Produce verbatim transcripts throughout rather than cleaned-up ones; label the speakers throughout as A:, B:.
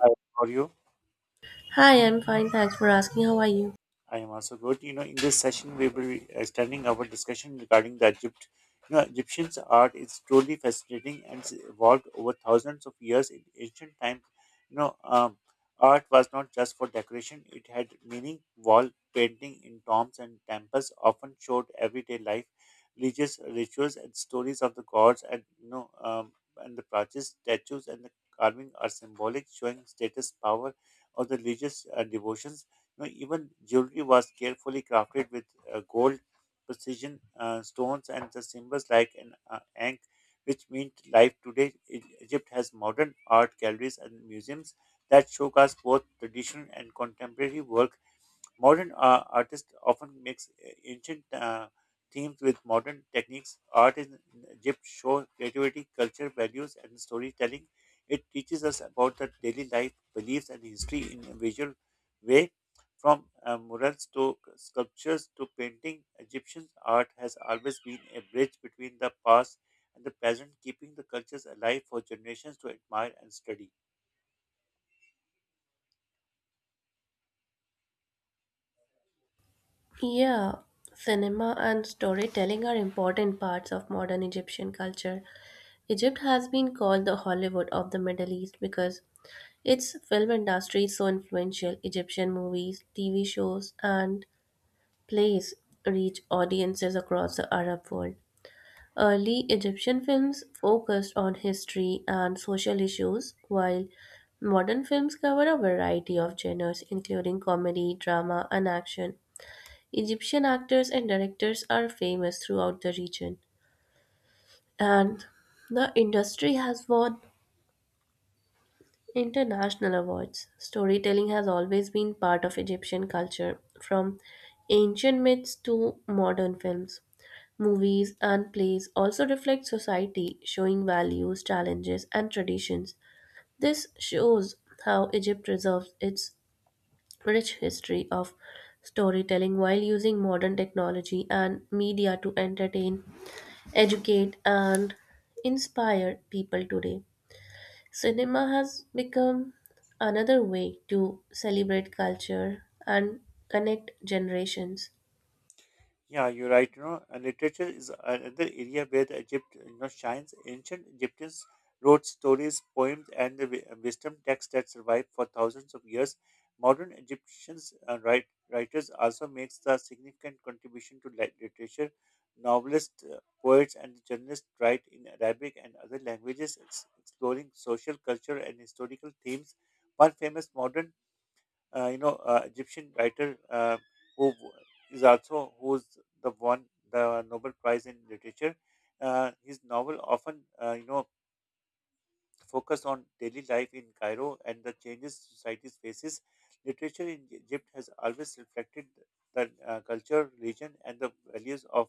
A: Hi, how are you?
B: Hi, I'm fine. Thanks for asking. How are you?
A: I am also good. You know, in this session, we will be extending our discussion regarding the Egypt. You know, Egyptians' art is truly fascinating and it's evolved over thousands of years. In ancient times. you know, um, Art was not just for decoration; it had meaning. Wall painting in tombs and temples often showed everyday life, religious rituals, and stories of the gods. And you know, um, and the plaques, statues, and the carving are symbolic, showing status, power, or the religious uh, devotions. You know, even jewelry was carefully crafted with uh, gold, precision uh, stones, and the symbols like an uh, ankh, which mean life today. E- Egypt has modern art galleries and museums that showcase both traditional and contemporary work. Modern uh, artists often mix uh, ancient uh, themes with modern techniques. Art in Egypt shows creativity, culture, values, and storytelling. It teaches us about the daily life, beliefs, and history in a visual way. From uh, murals to sculptures to painting, Egyptian art has always been a bridge between the past and the present, keeping the cultures alive for generations to admire and study.
B: Yeah, cinema and storytelling are important parts of modern Egyptian culture. Egypt has been called the Hollywood of the Middle East because its film industry is so influential. Egyptian movies, T V shows, and plays reach audiences across the Arab world. Early Egyptian films focused on history and social issues, while modern films cover a variety of genres, including comedy, drama, and action. Egyptian actors and directors are famous throughout the region, and the industry has won international awards. Storytelling has always been part of Egyptian culture, from ancient myths to modern films. Movies and plays also reflect society, showing values, challenges, and traditions. This shows how Egypt preserves its rich history of storytelling while using modern technology and media to entertain, educate, and inspire people today. Cinema has become another way to celebrate culture and connect generations.
A: Yeah, you're right. You know, uh, literature is uh, another area where the Egypt, you know, shines. Ancient Egyptians wrote stories, poems, and the wi- wisdom texts that survived for thousands of years. Modern Egyptians uh, write, writers also makes a significant contribution to lit- literature. Novelists, uh, poets, and journalists write in Arabic and other languages, ex- exploring social, culture, and historical themes. One famous modern uh, you know uh, Egyptian writer uh, who w- is also who's the one the Nobel Prize in literature. Uh, his novel often uh, you know focus on daily life in Cairo and the changes society faces. Literature in Egypt has always reflected the uh, culture, religion, and the values of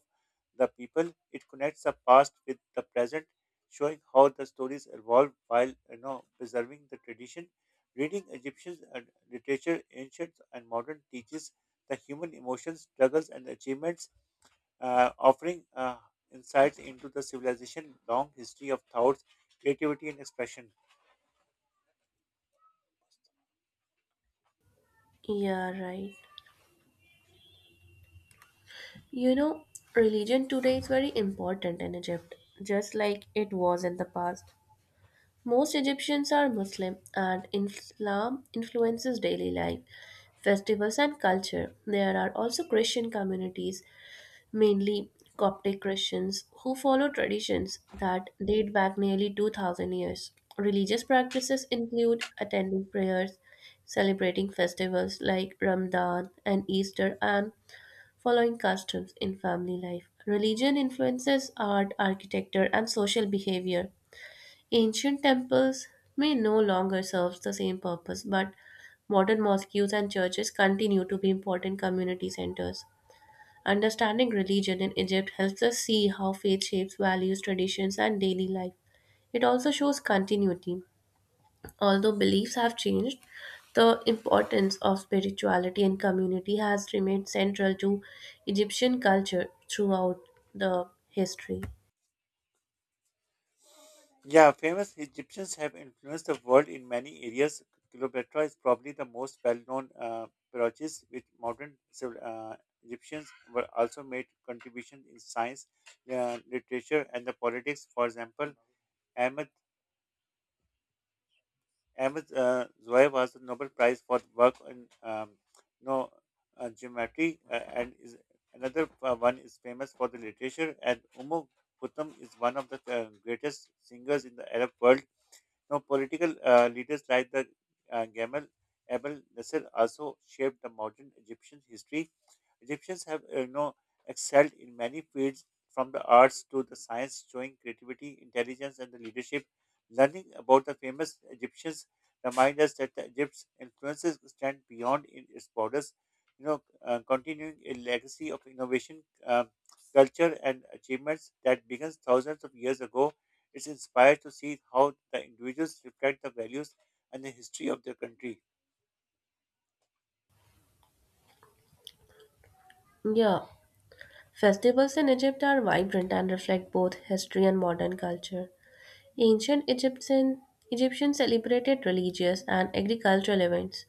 A: the people. It connects the past with the present, showing how the stories evolve while you know preserving the tradition. Reading Egyptian uh, literature, ancient and modern, teaches the human emotions, struggles, and achievements, uh, offering uh, insights into the civilization long history of thoughts, creativity, and expression.
B: Yeah, right. You know, religion today is very important in Egypt, just like it was in the past. Most Egyptians are Muslim, and Islam influences daily life, festivals, and culture. There are also Christian communities, mainly Coptic Christians, who follow traditions that date back nearly two thousand years. Religious practices include attending prayers, celebrating festivals like Ramadan and Easter, and following customs in family life. Religion influences art, architecture, and social behavior. Ancient temples may no longer serve the same purpose, but modern mosques and churches continue to be important community centers. Understanding religion in Egypt helps us see how faith shapes values, traditions, and daily life. It also shows continuity. Although beliefs have changed, the importance of spirituality and community has remained central to Egyptian culture throughout the history.
A: Yeah, famous Egyptians have influenced the world in many areas. Cleopatra is probably the most well-known uh, pyrogist, which modern civil, uh, Egyptians were also made contributions in science, uh, literature, and the politics. For example, Ahmed Ahmed uh, Zohar was the Nobel Prize for work on um, no uh, geometry, uh, and is another uh, one is famous for the literature. And Umm Kulthum is one of the uh, greatest singers in the Arab world. Now, political uh, leaders like the uh, Gamal Abdel Nasser also shaped the modern Egyptian history. Egyptians have, uh, you know, excelled in many fields, from the arts to the science, showing creativity, intelligence, and the leadership. Learning about the famous Egyptians reminds us that the Egypt's influences extend beyond in its borders. You know, uh, continuing a legacy of innovation, uh, culture, and achievements that begins thousands of years ago. It's inspiring to see how the individuals reflect the values and the history of their country.
B: Yeah, festivals in Egypt are vibrant and reflect both history and modern culture. Ancient Egyptian, Egyptians celebrated religious and agricultural events,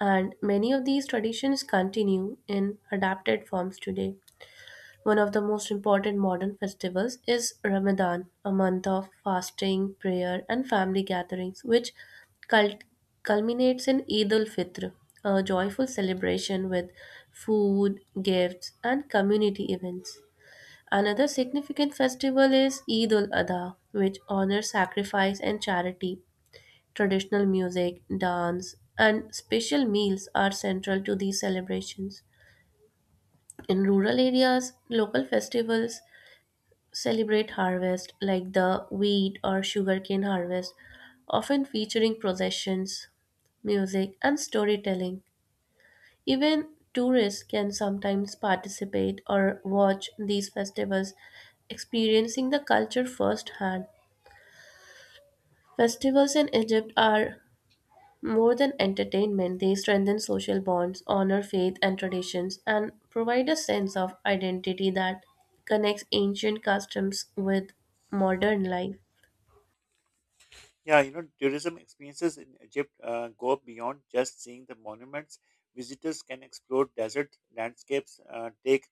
B: and many of these traditions continue in adapted forms today. One of the most important modern festivals is Ramadan, a month of fasting, prayer, and family gatherings, which cul- culminates in Eid al Fitr, a joyful celebration with food, gifts, and community events. Another significant festival is Eid al Adha, which honors sacrifice and charity. Traditional music, dance, and special meals are central to these celebrations. In rural areas, local festivals celebrate harvest like the wheat or sugarcane harvest, often featuring processions, music, and storytelling. Even tourists can sometimes participate or watch these festivals, experiencing the culture firsthand. Festivals in Egypt are more than entertainment. They strengthen social bonds, honor faith and traditions, and provide a sense of identity that connects ancient customs with modern life.
A: Yeah, you know, tourism experiences in Egypt uh, go beyond just seeing the monuments. Visitors can explore desert landscapes, uh, take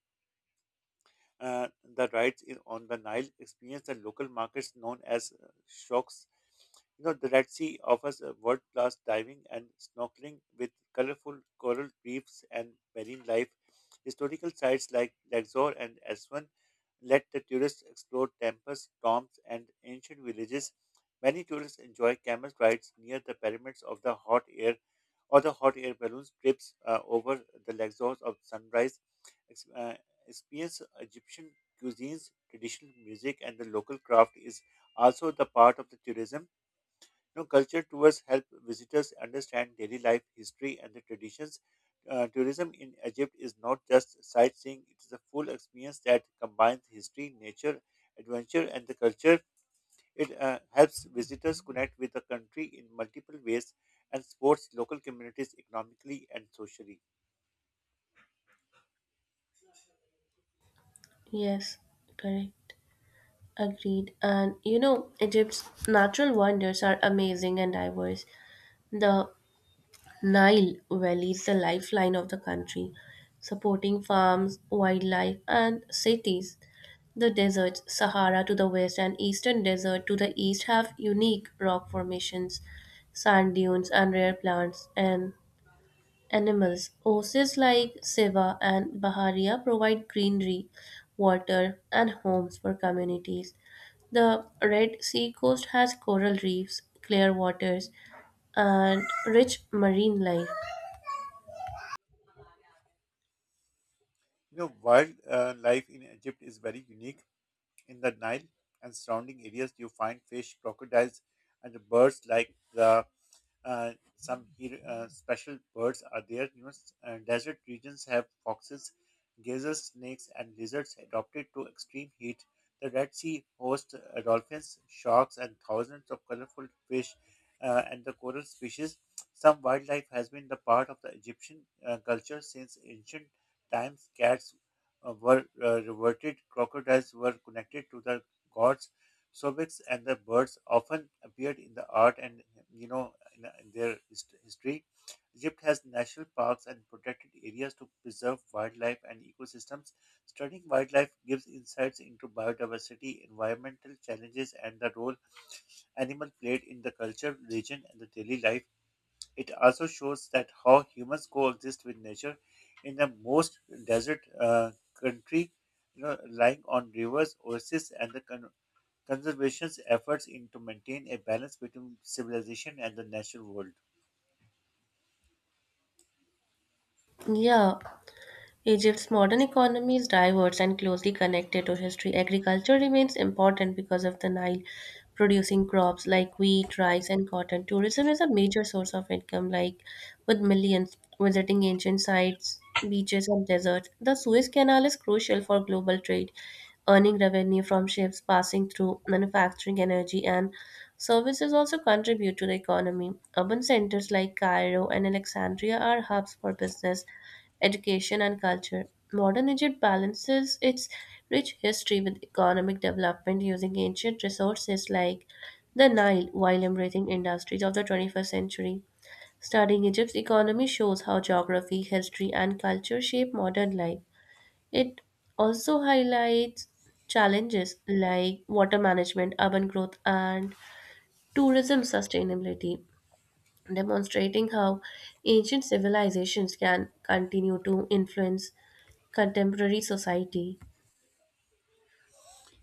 A: uh, the rides in, on the Nile experienced the local markets known as uh, shocks. You know, the Red Sea offers a world-class diving and snorkeling with colorful coral reefs and marine life. Historical sites like Luxor and Aswan let the tourists explore temples, tombs, and ancient villages. Many tourists enjoy camel rides near the pyramids of the hot air or the hot air balloons trips uh, over the Luxor of sunrise ex- uh, experience Egyptian cuisines, traditional music, and the local craft is also the part of the tourism. You know, culture tours help visitors understand daily life, history, and the traditions. Uh, tourism in Egypt is not just sightseeing; it is a full experience that combines history, nature, adventure, and the culture. It uh, helps visitors connect with the country in multiple ways and supports local communities economically and socially.
B: Yes, correct. Agreed. And you know, Egypt's natural wonders are amazing and diverse. The Nile Valley is the lifeline of the country, supporting farms, wildlife, and cities. The deserts, Sahara to the west and Eastern Desert to the east, have unique rock formations, sand dunes, and rare plants and animals. Oases like Seva and Baharia provide greenery, water, and homes for communities. The Red Sea coast has coral reefs, clear waters, and rich marine life.
A: You know, wildlife in Egypt is very unique. In the Nile and surrounding areas, you find fish, crocodiles, and birds like the uh, some hero, uh, special birds are there. You know, s- uh, desert regions have foxes, gazelles, snakes, and lizards adapted to extreme heat. The Red Sea hosts uh, dolphins, sharks, and thousands of colorful fish uh, and the coral species. Some wildlife has been the part of the Egyptian uh, culture since ancient times. Cats uh, were uh, reverted, crocodiles were connected to the gods. Sobex and the birds often appeared in the art and you know in, uh, in their hist- history. Egypt has national parks and protected areas to preserve wildlife and ecosystems. Studying wildlife gives insights into biodiversity, environmental challenges, and the role animal played in the culture, religion, and the daily life. It also shows that how humans coexist with nature in the most desert uh, country, you know, relying on rivers, oases, and the con- conservation's efforts in to maintain a balance between civilization and the natural world.
B: Yeah, Egypt's modern economy is diverse and closely connected to history. Agriculture remains important because of the Nile, producing crops like wheat, rice, and cotton. Tourism is a major source of income, like with millions visiting ancient sites, beaches, and deserts. The Suez Canal is crucial for global trade, earning revenue from ships passing through. Manufacturing, energy, and services also contribute to the economy. Urban centers like Cairo and Alexandria are hubs for business, education, and culture. Modern Egypt balances its rich history with economic development, using ancient resources like the Nile while embracing industries of the twenty-first century. Studying Egypt's economy shows how geography, history, and culture shape modern life. It also highlights challenges like water management, urban growth, and tourism sustainability, demonstrating how ancient civilizations can continue to influence contemporary society.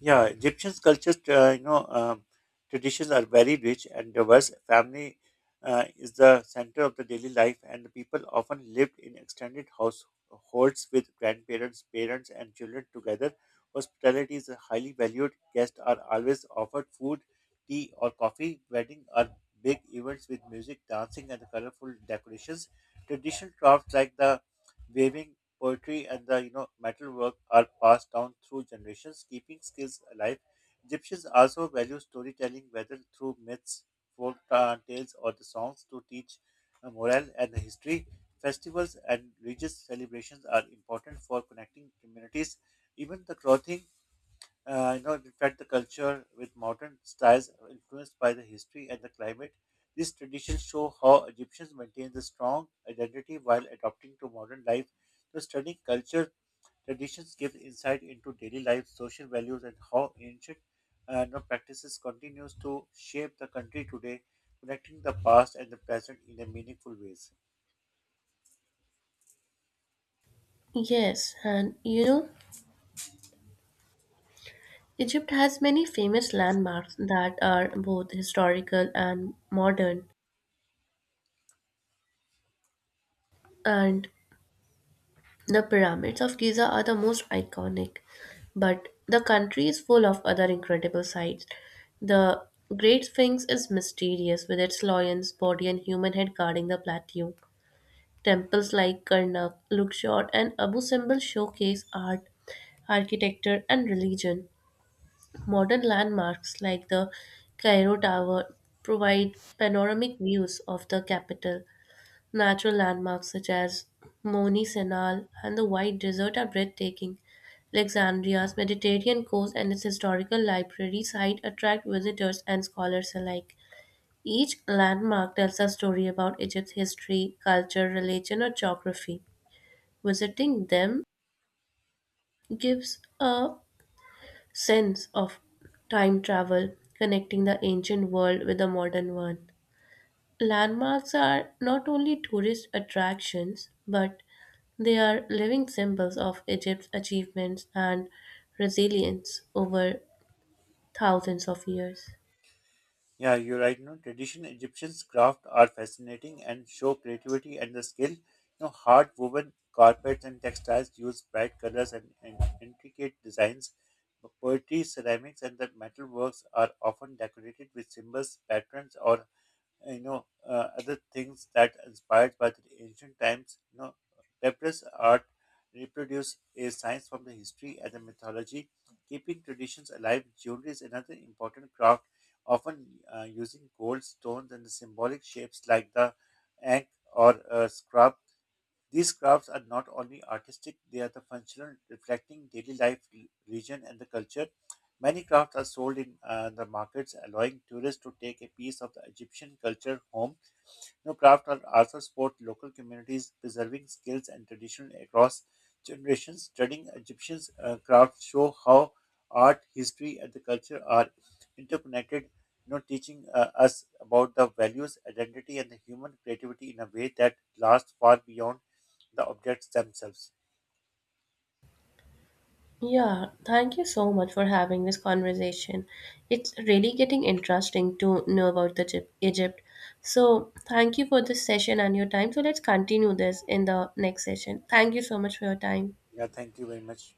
A: Yeah, Egyptian culture, uh, you know, um, traditions are very rich and diverse. Family uh, is the center of the daily life, and the people often lived in extended households with grandparents, parents, and children together. Hospitality is highly valued. Guests are always offered food, tea, or coffee. Weddings are big events with music, dancing, and colorful decorations. Traditional crafts like the waving poetry and the you know metalwork are passed down through generations, keeping skills alive. Egyptians also value storytelling, whether through myths, folk uh, tales, or the songs, to teach uh, morale and history. Festivals and religious celebrations are important for connecting communities. Even the clothing uh, you know, in fact, the culture with modern styles influenced by the history and the climate. These traditions show how Egyptians maintained the strong identity while adapting to modern life. The studying culture traditions gives insight into daily life, social values, and how ancient uh, you know, practices continues to shape the country today, connecting the past and the present in a meaningful ways.
B: Yes, and you know, Egypt has many famous landmarks that are both historical and modern, and the pyramids of Giza are the most iconic. But the country is full of other incredible sights. The Great Sphinx is mysterious, with its lion's body and human head guarding the plateau. Temples like Karnak, Luxor, and Abu Simbel showcase art, architecture, and religion. Modern landmarks like the Cairo Tower provide panoramic views of the capital. Natural landmarks such as Moni Senal and the White Desert are breathtaking. Alexandria's Mediterranean coast and its historical library site attract visitors and scholars alike. Each landmark tells a story about Egypt's history, culture, religion, or geography. Visiting them gives a sense of time travel, connecting the ancient world with the modern one. Landmarks are not only tourist attractions, but they are living symbols of Egypt's achievements and resilience over thousands of years.
A: Yeah, you're right. You know, traditional Egyptian's craft are fascinating and show creativity and the skill. You know, hard woven carpets and textiles use bright colors and, and intricate designs. Poetry, ceramics, and the metalworks are often decorated with symbols, patterns, or you know uh, other things that inspired by the ancient times, you know, papyrus art reproduce a science from the history and the mythology, keeping traditions alive. Jewelry is another important craft, often uh, using gold stones and symbolic shapes like the ankh or uh, scrub. These crafts are not only artistic, they are the functional, reflecting daily life, re- region, and the culture. Many crafts are sold in uh, the markets, allowing tourists to take a piece of the Egyptian culture home. You know, craft are also support local communities preserving skills and tradition across generations. Studying Egyptian uh, crafts show how art, history, and the culture are interconnected. You know, teaching uh, us about the values, identity, and the human creativity in a way that lasts far beyond the objects themselves.
B: Yeah, thank you so much for having this conversation. It's really getting interesting to know about the Egypt. Egypt. So, thank you for this session and your time. So, let's continue this in the next session. Thank you so much for your time.
A: Yeah, thank you very much.